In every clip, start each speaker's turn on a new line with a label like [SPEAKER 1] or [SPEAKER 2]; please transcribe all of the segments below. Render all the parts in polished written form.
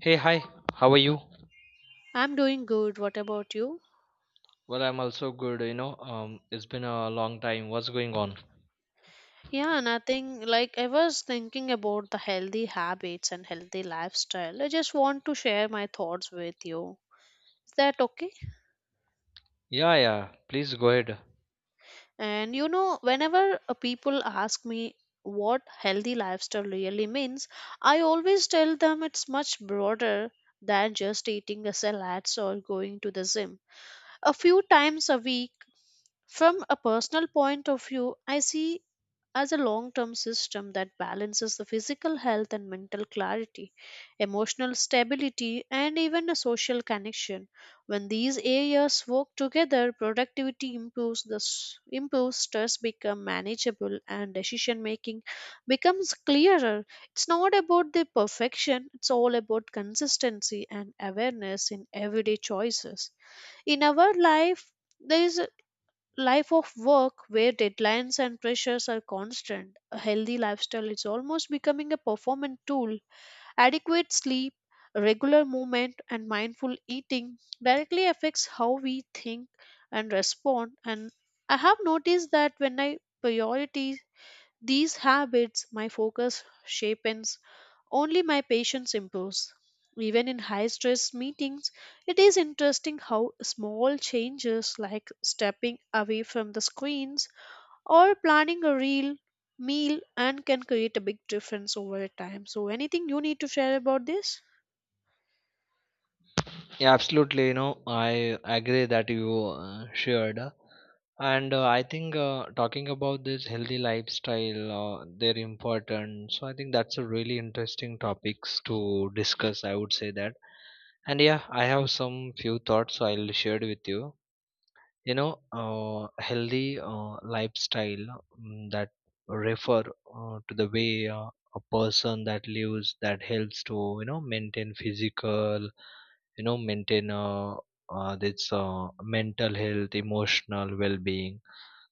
[SPEAKER 1] Hey, hi. How are you?
[SPEAKER 2] I'm doing good. What about you?
[SPEAKER 1] Well, I'm also good, you know. It's been a long time. What's going on?
[SPEAKER 2] Yeah, nothing. Like, I was thinking about the healthy habits and healthy lifestyle. I just want to share my thoughts with you. Is that okay?
[SPEAKER 1] Yeah, yeah. Please go ahead.
[SPEAKER 2] And you know, whenever people ask me what healthy lifestyle really means, I always tell them it's much broader than just eating a salad or going to the gym. A few times a week, from a personal point of view, I see as a long term system that balances the physical health and mental clarity, emotional stability, and even a social connection. When these areas work together, productivity improves, improves stress becomes manageable, and decision making becomes clearer. It's not about the perfection, it's all about consistency and awareness in everyday choices. In our life, there is life of work where deadlines and pressures are constant, a healthy lifestyle is almost becoming a performance tool. Adequate sleep, regular movement, and mindful eating directly affects how we think and respond. And I have noticed that when I prioritize these habits, my focus sharpens, only my patience improves. Even in high stress meetings, it is interesting how small changes like stepping away from the screens or planning a real meal and can create a big difference over time. So anything you need to share about this?
[SPEAKER 1] Yeah, absolutely, you know. I agree that you shared. And I think talking about this healthy lifestyle, they're important. So I think that's a really interesting topics to discuss, I would say that. And yeah, I have some few thoughts so I'll share with you. You know, healthy lifestyle that refer to the way a person that lives that helps to you know maintain physical you know maintain this mental health, emotional well-being.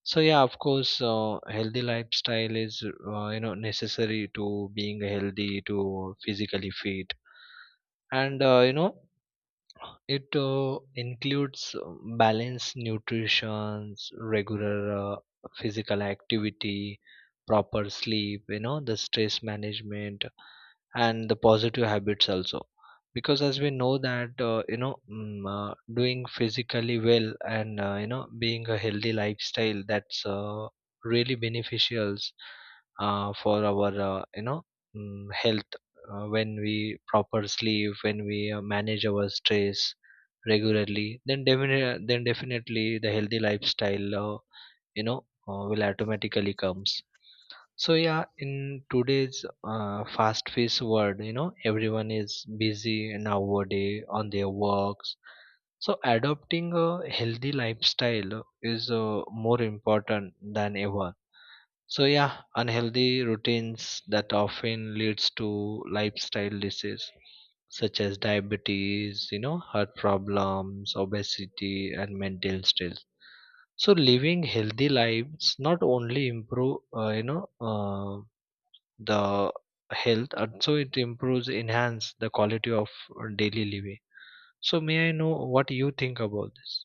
[SPEAKER 1] So yeah, of course healthy lifestyle is you know necessary to being healthy, to physically fit. And you know it includes balanced nutrition, regular physical activity, proper sleep, you know, the stress management, and the positive habits also. Because as we know that, you know, doing physically well and, you know, being a healthy lifestyle, that's really beneficial for our, you know, health. When we proper sleep, when we manage our stress regularly, then definitely the healthy lifestyle, you know, will automatically comes. So yeah, in today's fast-paced world, you know, everyone is busy nowadays on their works. So adopting a healthy lifestyle is more important than ever. So yeah, unhealthy routines that often leads to lifestyle disease such as diabetes, you know, heart problems, obesity, and mental stress. So living healthy lives not only improve, you know, the health, also it improves, enhance the quality of daily living. So may I know what you think about this?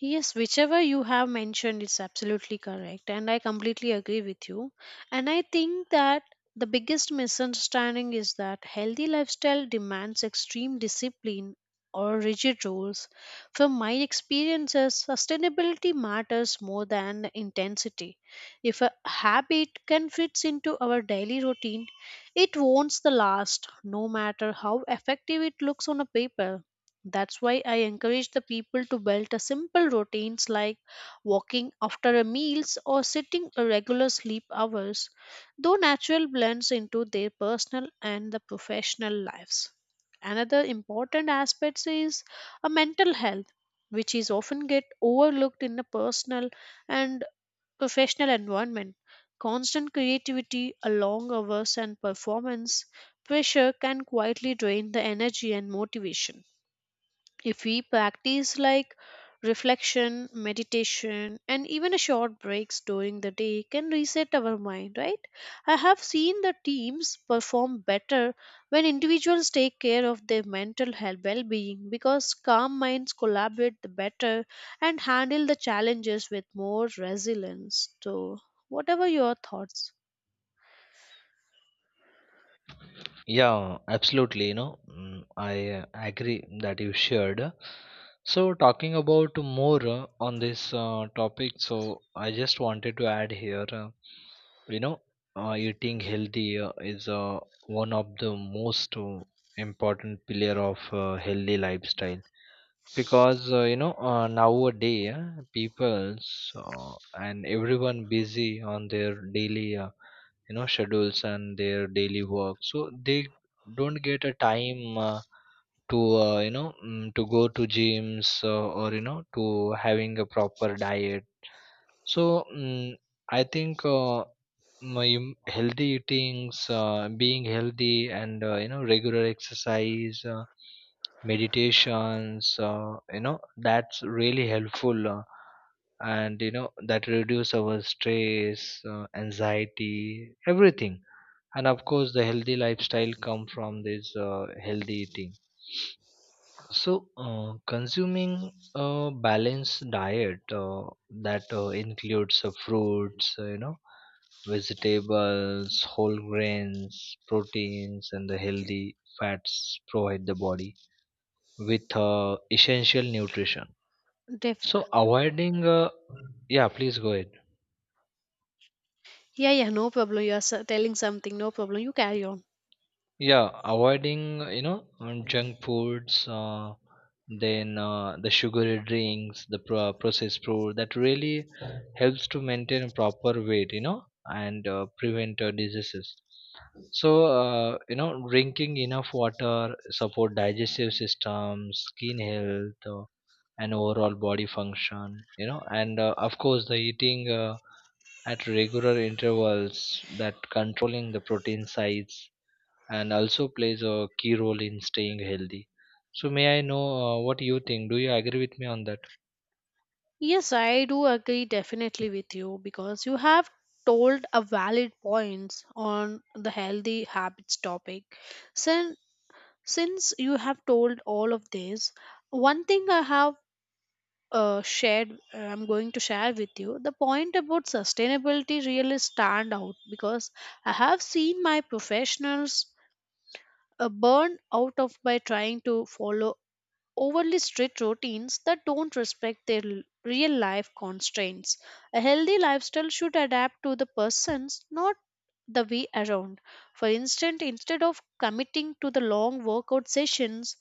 [SPEAKER 2] Yes, whichever you have mentioned is absolutely correct, and I completely agree with you. And I think that the biggest misunderstanding is that healthy lifestyle demands extreme discipline or rigid rules. From my experiences, sustainability matters more than the intensity. If a habit can fit into our daily routine, it won't the last, no matter how effective it looks on a paper. That's why I encourage the people to build a simple routines like walking after a meals or sitting a regular sleep hours, though natural blends into their personal and the professional lives. Another important aspect is a mental health, which is often get overlooked in the personal and professional environment. Constant creativity, a long hours and performance pressure can quietly drain the energy and motivation. If we practice like reflection, meditation, and even a short breaks during the day can reset our mind, right? I have seen the teams perform better when individuals take care of their mental health well-being because calm minds collaborate the better and handle the challenges with more resilience. So, whatever your thoughts?
[SPEAKER 1] Yeah, absolutely. You know, I agree that you shared. So, talking about more on this topic, so I just wanted to add here, you know, eating healthy is one of the most important pillar of healthy lifestyle, because you know nowadays people's and everyone busy on their daily you know schedules and their daily work, so they don't get a time to you know to go to gyms or you know to having a proper diet. So mm I think healthy eatings, being healthy, and you know regular exercise, meditations, you know that's really helpful, and you know that reduce our stress, anxiety, everything. And of course the healthy lifestyle come from this healthy eating. So consuming a balanced diet that includes fruits, you know, vegetables, whole grains, proteins, and the healthy fats provide the body with essential nutrition.
[SPEAKER 2] Def-
[SPEAKER 1] So avoiding yeah, please go ahead.
[SPEAKER 2] yeah, yeah, no problem. You are telling something, no problem. You carry on.
[SPEAKER 1] Yeah, avoiding you know junk foods, then the sugary drinks, the processed food, that really helps to maintain a proper weight, you know, and prevent diseases. So you know, drinking enough water support digestive system, skin health, and overall body function. You know, and of course the eating at regular intervals that controlling the protein size and also plays a key role in staying healthy. So may I know what you think? Do you agree with me on that?
[SPEAKER 2] Yes, I do agree definitely with you because you have told a valid points on the healthy habits topic. Since since you have told all of this, one thing I have shared, I'm going to share with you the point about sustainability really stand out because I have seen my professionals burn out of by trying to follow overly strict routines that don't respect their real life constraints. A healthy lifestyle should adapt to the persons, not the way around. For instance, instead of committing to the long workout sessions,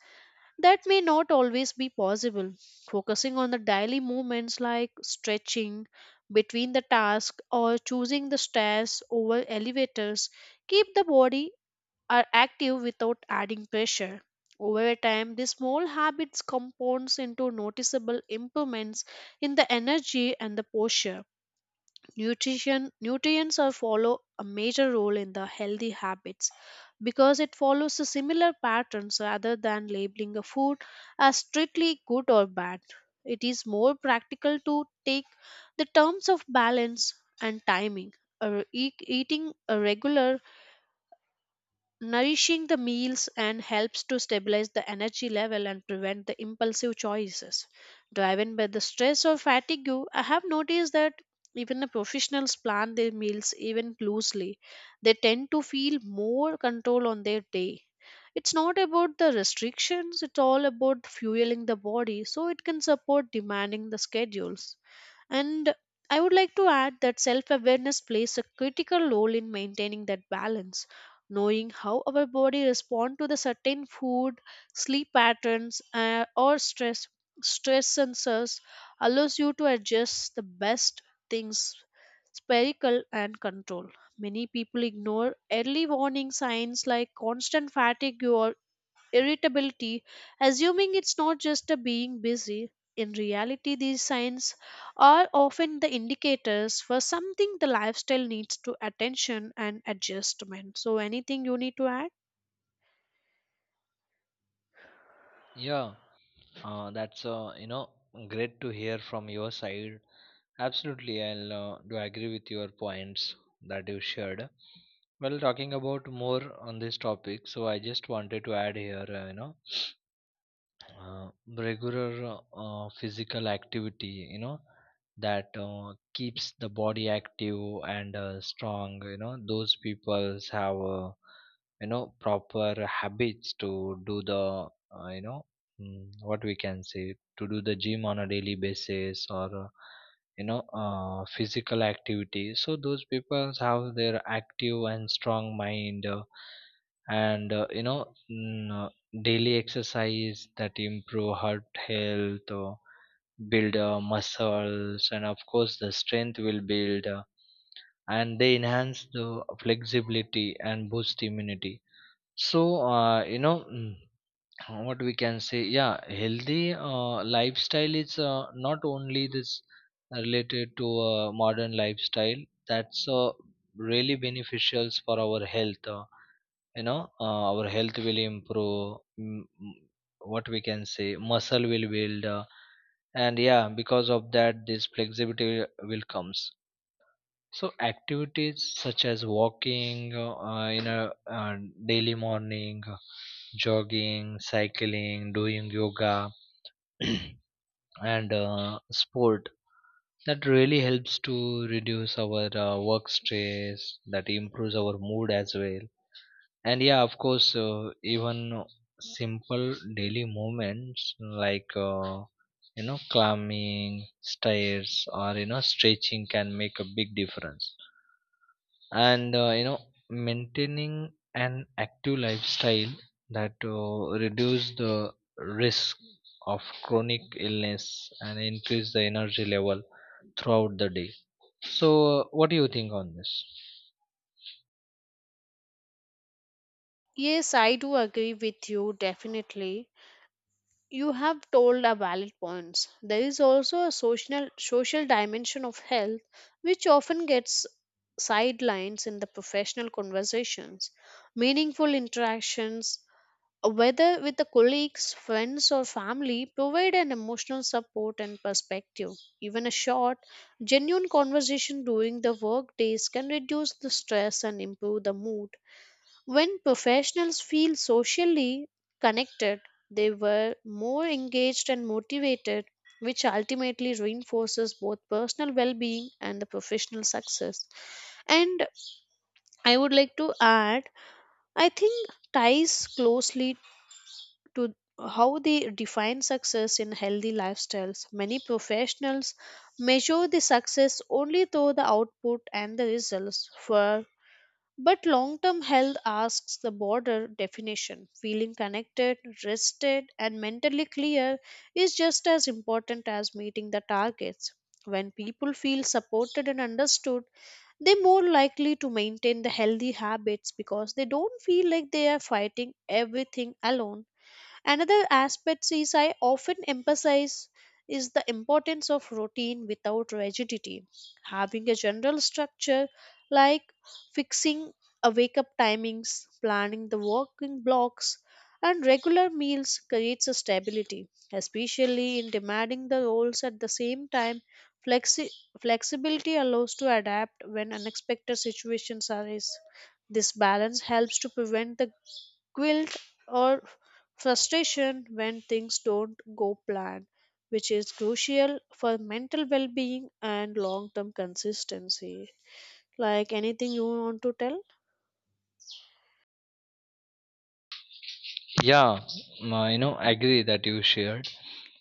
[SPEAKER 2] that may not always be possible. Focusing on the daily movements like stretching between the tasks or choosing the stairs over elevators keep the body are active without adding pressure. Over time, these small habits compounds into noticeable improvements in the energy and the posture. Nutrition nutrients are follow a major role in the healthy habits because it follows the similar patterns rather than labeling a food as strictly good or bad. It is more practical to take the terms of balance and timing. Eating a regular nourishing the meals and helps to stabilize the energy level and prevent the impulsive choices driven by the stress or fatigue. I have noticed that even the professionals plan their meals even loosely, they tend to feel more control on their day. It's not about the restrictions, it's all about fueling the body so it can support demanding the schedules. And I would like to add that self awareness plays a critical role in maintaining that balance. Knowing how our body responds to the certain food, sleep patterns, or stress sensors allows you to adjust the best things spherical and control. Many people ignore early warning signs like constant fatigue or irritability, assuming it's not just a being busy. In reality, these signs are often the indicators for something the lifestyle needs to attention and adjustment. So, anything you need to add?
[SPEAKER 1] Yeah, that's you know great to hear from your side. Absolutely, I'll do agree with your points that you shared. Well, talking about more on this topic, so I just wanted to add here, you know, uh, regular physical activity, you know, that keeps the body active and strong. You know, those peoples have you know proper habits to do the you know what we can say, to do the gym on a daily basis, or you know physical activity, so those people have their active and strong mind, and you know daily exercise that improve heart health or build muscles, and of course the strength will build, and they enhance the flexibility and boost immunity. So you know what we can say, yeah, healthy lifestyle is not only this related to modern lifestyle, that's really beneficial for our health, you know, our health will improve, what we can say, muscle will build, and yeah because of that this flexibility will comes. So activities such as walking in a uh, daily morning, jogging, cycling, doing yoga and sport, that really helps to reduce our work stress, that improves our mood as well. And yeah of course even simple daily movements like you know climbing stairs or you know stretching can make a big difference. And you know maintaining an active lifestyle that reduce the risk of chronic illness and increase the energy level throughout the day. So what do you think on this?
[SPEAKER 2] Yes, I do agree with you, definitely. You have told a valid points. There is also a social dimension of health which often gets sidelines in the professional conversations. Meaningful interactions whether with the colleagues, friends, or family, provide an emotional support and perspective. Even a short, genuine conversation during the work days can reduce the stress and improve the mood. When professionals feel socially connected, they were more engaged and motivated, which ultimately reinforces both personal well being and the professional success. And I would like to add, I think ties closely to how they define success in healthy lifestyles. Many professionals measure the success only through the output and the results. For but long-term health asks the broader definition. Feeling connected, rested, and mentally clear is just as important as meeting the targets. When people feel supported and understood, they're more likely to maintain the healthy habits because they don't feel like they are fighting everything alone. Another aspect is I often emphasize is the importance of routine without rigidity. Having a general structure like fixing a wake up timings, planning the working blocks, and regular meals creates a stability, especially in demanding the roles at the same time. Flexi- Flexibility allows to adapt when unexpected situations arise. This balance helps to prevent the guilt or frustration when things don't go plan, which is crucial for mental well-being and long-term consistency. Like, anything you want to tell?
[SPEAKER 1] Yeah, you know, agree that you shared.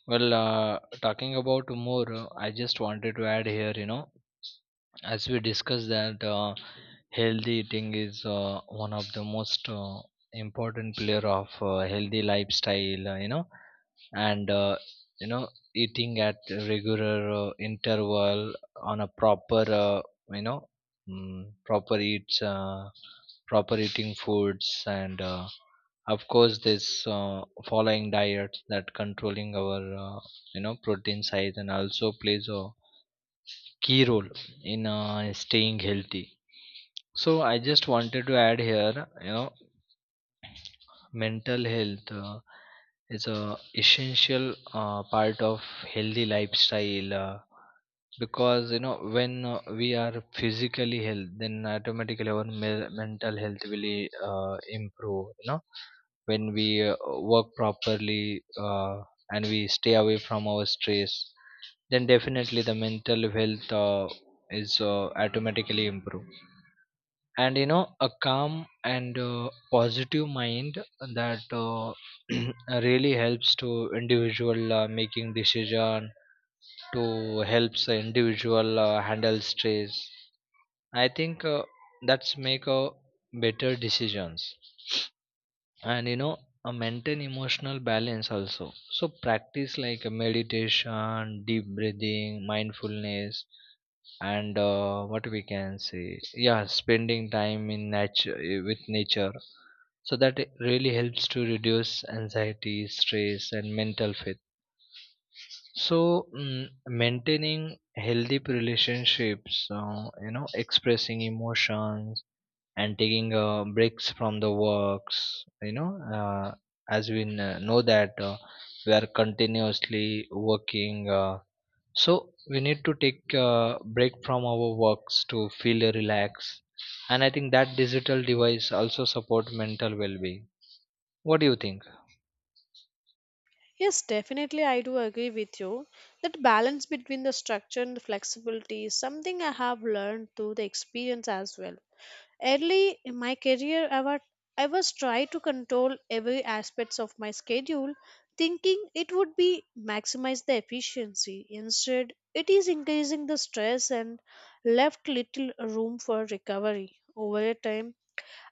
[SPEAKER 1] Well, talking about more, I just wanted to add here, you know, as we discussed that healthy eating is one of the most important pillar of healthy lifestyle, you know. And you know, eating at regular interval, on a proper you know proper eats, proper eating foods, and of course this following diet that controlling our you know protein size and also plays a key role in staying healthy. So I just wanted to add here, you know, mental health is a essential part of healthy lifestyle, because you know when we are physically health, then automatically our mental health will improve. You know, when we work properly and we stay away from our stress, then definitely the mental health is automatically improved. And you know a calm and positive mind that really helps to individual making decision, to helps the individual handle stress. I think that's make a better decisions and you know maintain emotional balance also. So practice like a meditation, deep breathing, mindfulness, and what we can say, yeah, spending time in nature, with nature, so that it really helps to reduce anxiety, stress, and mental fatigue. So maintaining healthy relationships, you know, expressing emotions, and taking breaks from the works, you know, uh, as we know that we are continuously working, so we need to take a break from our works to feel relaxed. And I think that digital device also support mental well-being. What do you think?
[SPEAKER 2] Yes, definitely I do agree with you that balance between the structure and the flexibility is something I have learned through the experience as well. Early in my career, I was trying to control every aspects of my schedule, thinking it would be maximize the efficiency. Instead, it is increasing the stress and left little room for recovery. Over a time,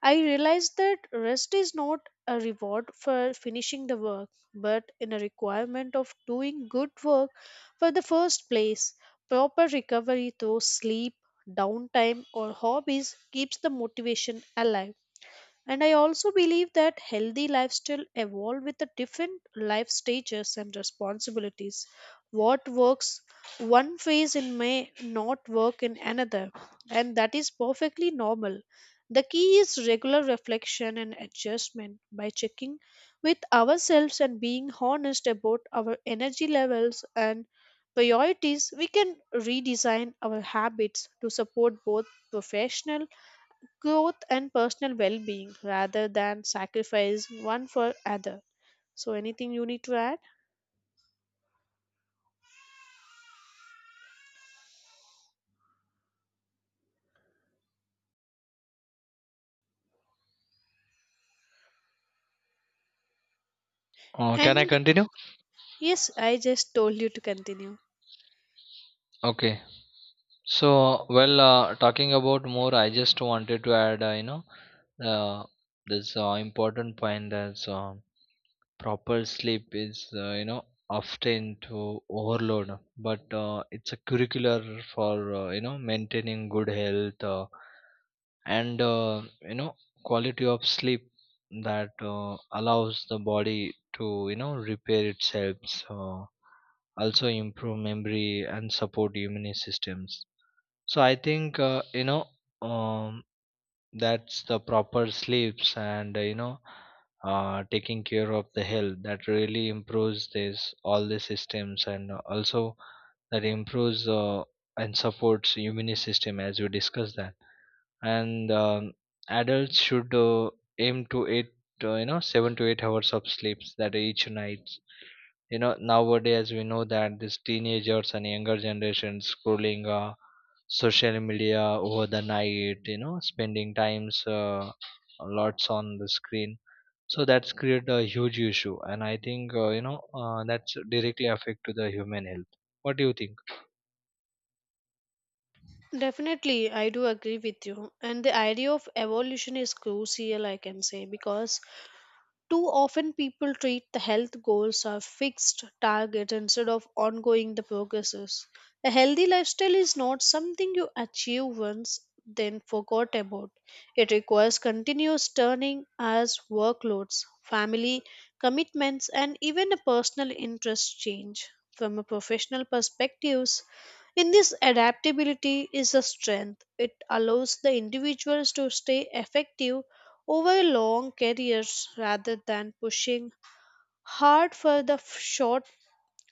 [SPEAKER 2] I realized that rest is not a reward for finishing the work, but in a requirement of doing good work for the first place. Proper recovery through sleep, downtime, or hobbies keeps the motivation alive. And I also believe that healthy lifestyle evolve with the different life stages and responsibilities. What works one phase in may not work in another, and that is perfectly normal. The key is regular reflection and adjustment by checking with ourselves and being honest about our energy levels and priorities. We can redesign our habits to support both professional growth and personal well-being rather than sacrifice one for other. So anything you need to add?
[SPEAKER 1] Can I
[SPEAKER 2] And
[SPEAKER 1] continue?
[SPEAKER 2] yes, I just told you to continue.
[SPEAKER 1] Okay, so, well, talking about more, I just wanted to add, you know, uh, this important point, that's proper sleep is you know often to overload, but it's a curricular for you know maintaining good health, and you know quality of sleep that allows the body to you know repair itself, so also improve memory and support immune systems. So I think you know um, that's the proper sleeps and you know taking care of the health that really improves this all the systems, and also that improves and supports immune system, as we discussed that. And adults should aim to eight you know 7 to 8 hours of sleeps that each night. You know, nowadays we know that these teenagers and younger generations scrolling social media over the night, you know, spending times lots on the screen, so that's create a huge issue. And I think you know that's directly affect to the human health. What do you think?
[SPEAKER 2] Definitely, I do agree with you. And the idea of evolution is crucial, I can say, because too often, people treat the health goals as fixed targets instead of ongoing the progresses. A healthy lifestyle is not something you achieve once, then forgot about. It requires continuous turning as workloads, family commitments, and even a personal interest change. From a professional perspectives, in this adaptability is a strength. It allows the individuals to stay effective over long careers rather than pushing hard for the f- short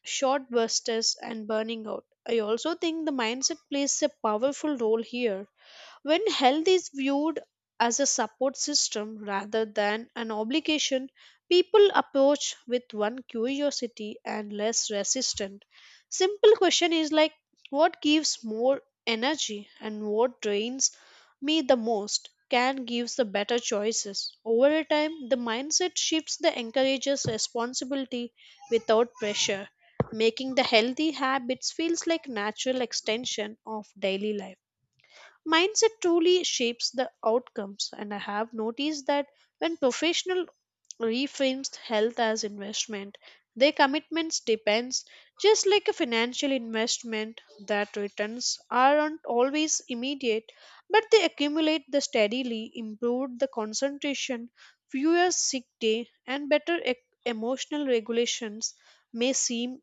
[SPEAKER 2] short bursts and burning out. I also think the mindset plays a powerful role here when health is viewed as a support system rather than an obligation, people approach with one curiosity and less resistant. Simple question is like what gives more energy and what drains me the most can gives the better choices. Over a time, the mindset shifts that encourages responsibility without pressure, making the healthy habits feels like natural extension of daily life. Mindset truly shapes the outcomes, and I have noticed that when professional reframes health as investment, their commitments depends just like a financial investment that returns aren't always immediate, but they accumulate the steadily, improve the concentration, fewer sick day, and better emotional regulations may seem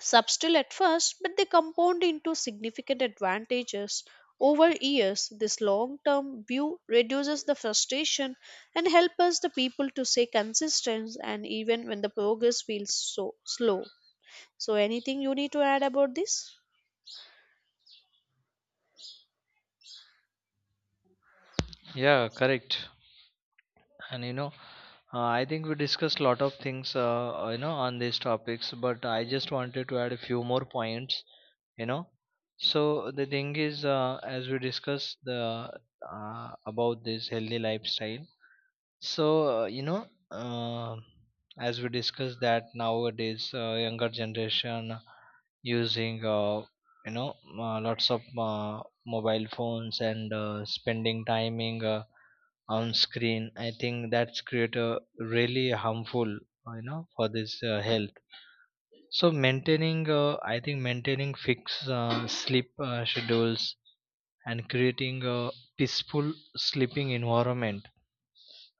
[SPEAKER 2] subtle at first, but they compound into significant advantages. Over years, this long term view reduces the frustration and helps us the people to stay consistent and even when the progress feels so slow. So anything you need to add about this?
[SPEAKER 1] Yeah, correct. And you know I think we discussed a lot of things, you know, on these topics, but I just wanted to add a few more points, you know. So the thing is, as we discussed the about this healthy lifestyle. So you know, uh, as we discussed that nowadays younger generation using you know lots of mobile phones and spending timing on screen, I think that's create a really harmful, you know, for this health. So maintaining, I think maintaining fixed sleep schedules and creating a peaceful sleeping environment,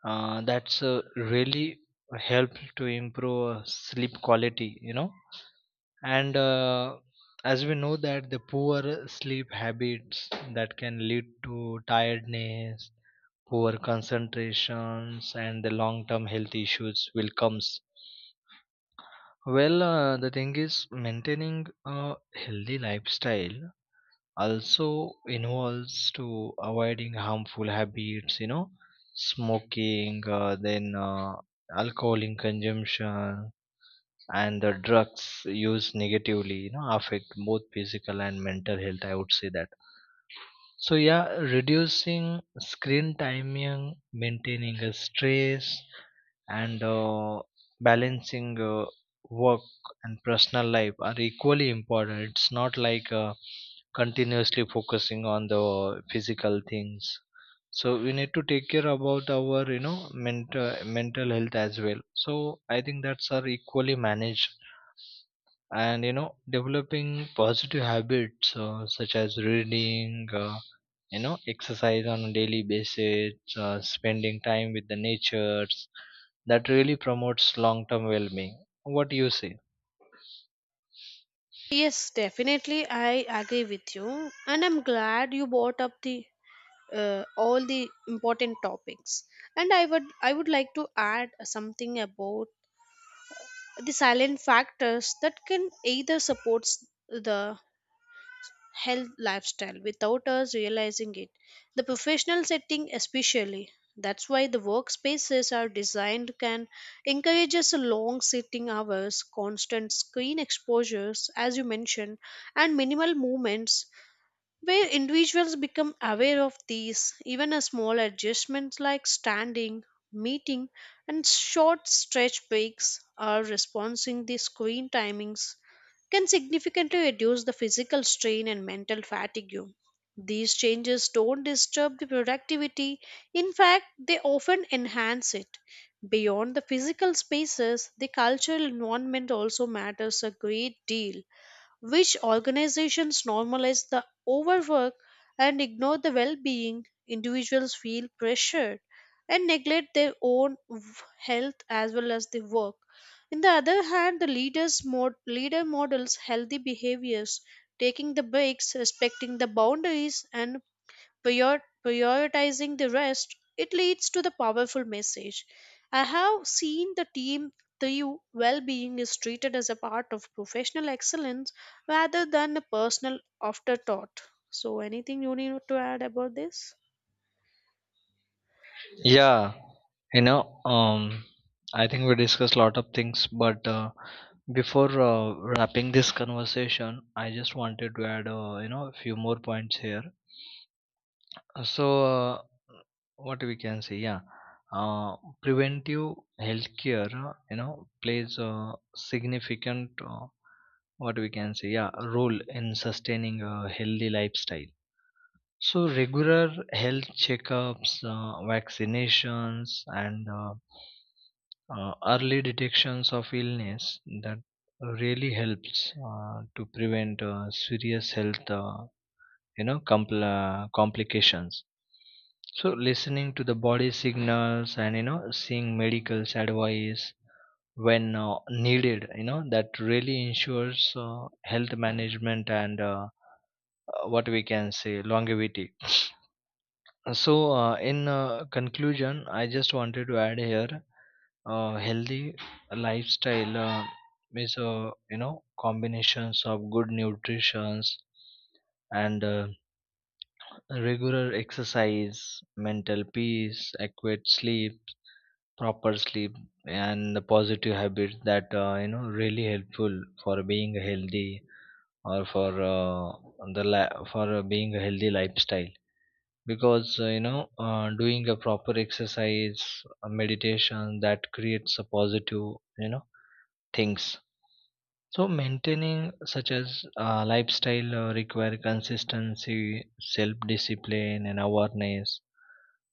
[SPEAKER 1] that's really help to improve sleep quality. You know, and as we know that the poor sleep habits that can lead to tiredness, poor concentrations, and the long-term health issues will comes. Well, the thing is, maintaining a healthy lifestyle also involves to avoiding harmful habits, you know, smoking, then alcohol in consumption, and the drugs used negatively, you know, affect both physical and mental health. I would say that. So yeah, reducing screen timing, maintaining a stress, and balancing work and personal life are equally important. It's not like continuously focusing on the physical things. So we need to take care about our you know mental health as well. So I think that's are equally managed. And you know developing positive habits such as reading, you know exercise on a daily basis, spending time with the natures, that really promotes long term well being. What do you say?
[SPEAKER 2] Yes, definitely I agree with you and I'm glad you brought up the all the important topics. And I would like to add something about the silent factors that can either supports the health lifestyle without us realizing it. The professional setting especially, that's why the workspaces are designed, can encourage us long sitting hours constant screen exposures as you mentioned and minimal movements. Where individuals become aware of these, even a small adjustment like standing, meeting, and short stretch breaks or responsing the screen timings can significantly reduce the physical strain and mental fatigue. These changes don't disturb the productivity, in fact, they often enhance it. Beyond the physical spaces, the cultural environment also matters a great deal which organizations normalize the overwork and ignore the well being. Individuals feel pressured and neglect their own health as well as the work. On the other hand, the leaders leader models healthy behaviors, taking the breaks, respecting the boundaries, and prioritizing the rest, it leads to the powerful message. I have seen the team through well being is treated as a part of professional excellence rather than a personal afterthought. So, anything you need to add about this?
[SPEAKER 1] Yeah, you know, I think we discussed a lot of things, but before wrapping this conversation, I just wanted to add, you know, a few more points here. So, what we can say, yeah, uh, preventive healthcare, you know, plays a significant, what we can say, yeah, role in sustaining a healthy lifestyle. So, regular health checkups, vaccinations, and early detections of illness that really helps to prevent serious health, you know, complications. So listening to the body signals and you know seeing medical advice when needed, you know, that really ensures health management and, what we can say, longevity. So in conclusion I just wanted to add here, healthy lifestyle is you know combinations of good nutritions and regular exercise, mental peace, adequate sleep, proper sleep, and the positive habits that you know really helpful for being healthy or for the for being a healthy lifestyle. Because you know, doing a proper exercise, a meditation that creates a positive you know things. So maintaining such as lifestyle require consistency, self discipline, and awareness.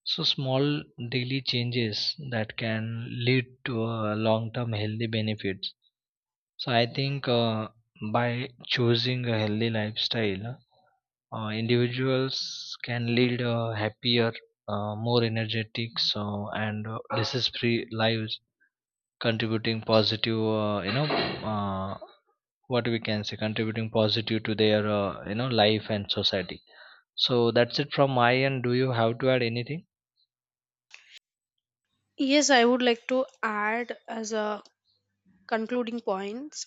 [SPEAKER 1] So small daily changes that can lead to a long-term healthy benefits. So I think by choosing a healthy lifestyle, individuals can lead a happier, more energetic, so and disease-free lives, contributing positive, you know, what we can say, contributing positive to their, you know, life and society. So that's it from my end. Do you have to add anything?
[SPEAKER 2] Yes, I would like to add as a concluding points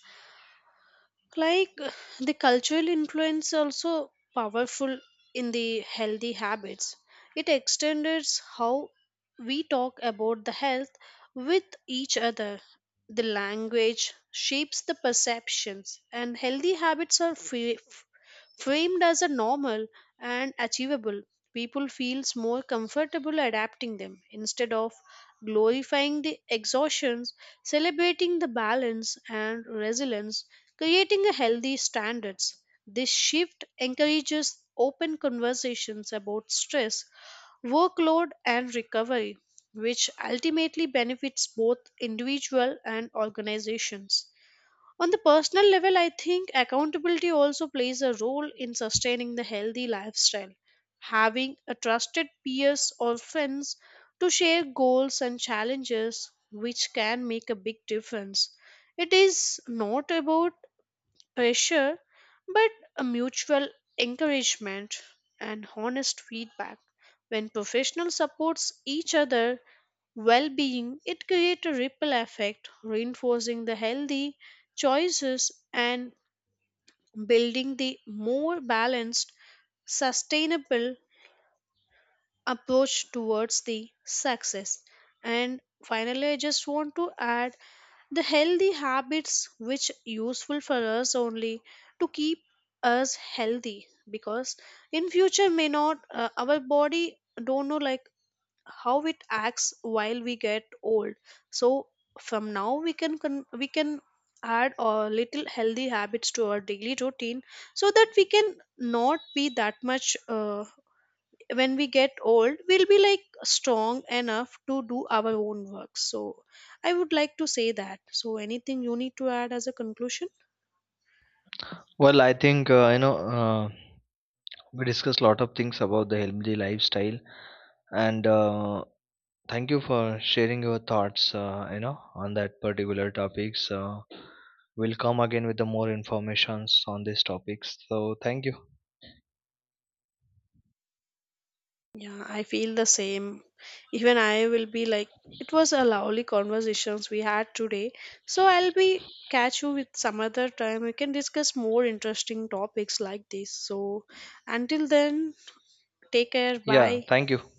[SPEAKER 2] like the cultural influence also powerful in the healthy habits. It extends how we talk about the health with each other. The language shapes the perceptions and healthy habits are framed as a normal and achievable. People feels more comfortable adapting them instead of glorifying the exhaustions, celebrating the balance and resilience, creating a healthy standards. This shift encourages open conversations about stress, workload and recovery, which ultimately benefits both individual and organizations. On the personal level, I think accountability also plays a role in sustaining the healthy lifestyle. Having a trusted peers or friends to share goals and challenges, which can make a big difference. It is not about pressure, but a mutual encouragement and honest feedback. When professionals supports each other, well being, it creates a ripple effect, reinforcing the healthy choices and building the more balanced, sustainable approach towards the success. And finally, I just want to add the healthy habits which useful for us only to keep us healthy because in future may not our body don't know like how it acts while we get old. So from now we can add a little healthy habits to our daily routine so that we can not be that much when we get old we'll be like strong enough to do our own work. So I would like to say that. So anything you need to add as a conclusion?
[SPEAKER 1] Well, I think you know. We discussed a lot of things about the healthy lifestyle, and thank you for sharing your thoughts, you know, on that particular topics. We'll come again with the more informations on these topics. So thank you.
[SPEAKER 2] Yeah, I feel the same. Even I will be like, it was a lovely conversations we had today. So I'll be catch you with some other time. We can discuss more interesting topics like this. So until then, take care.
[SPEAKER 1] Yeah,
[SPEAKER 2] Bye.
[SPEAKER 1] thank you.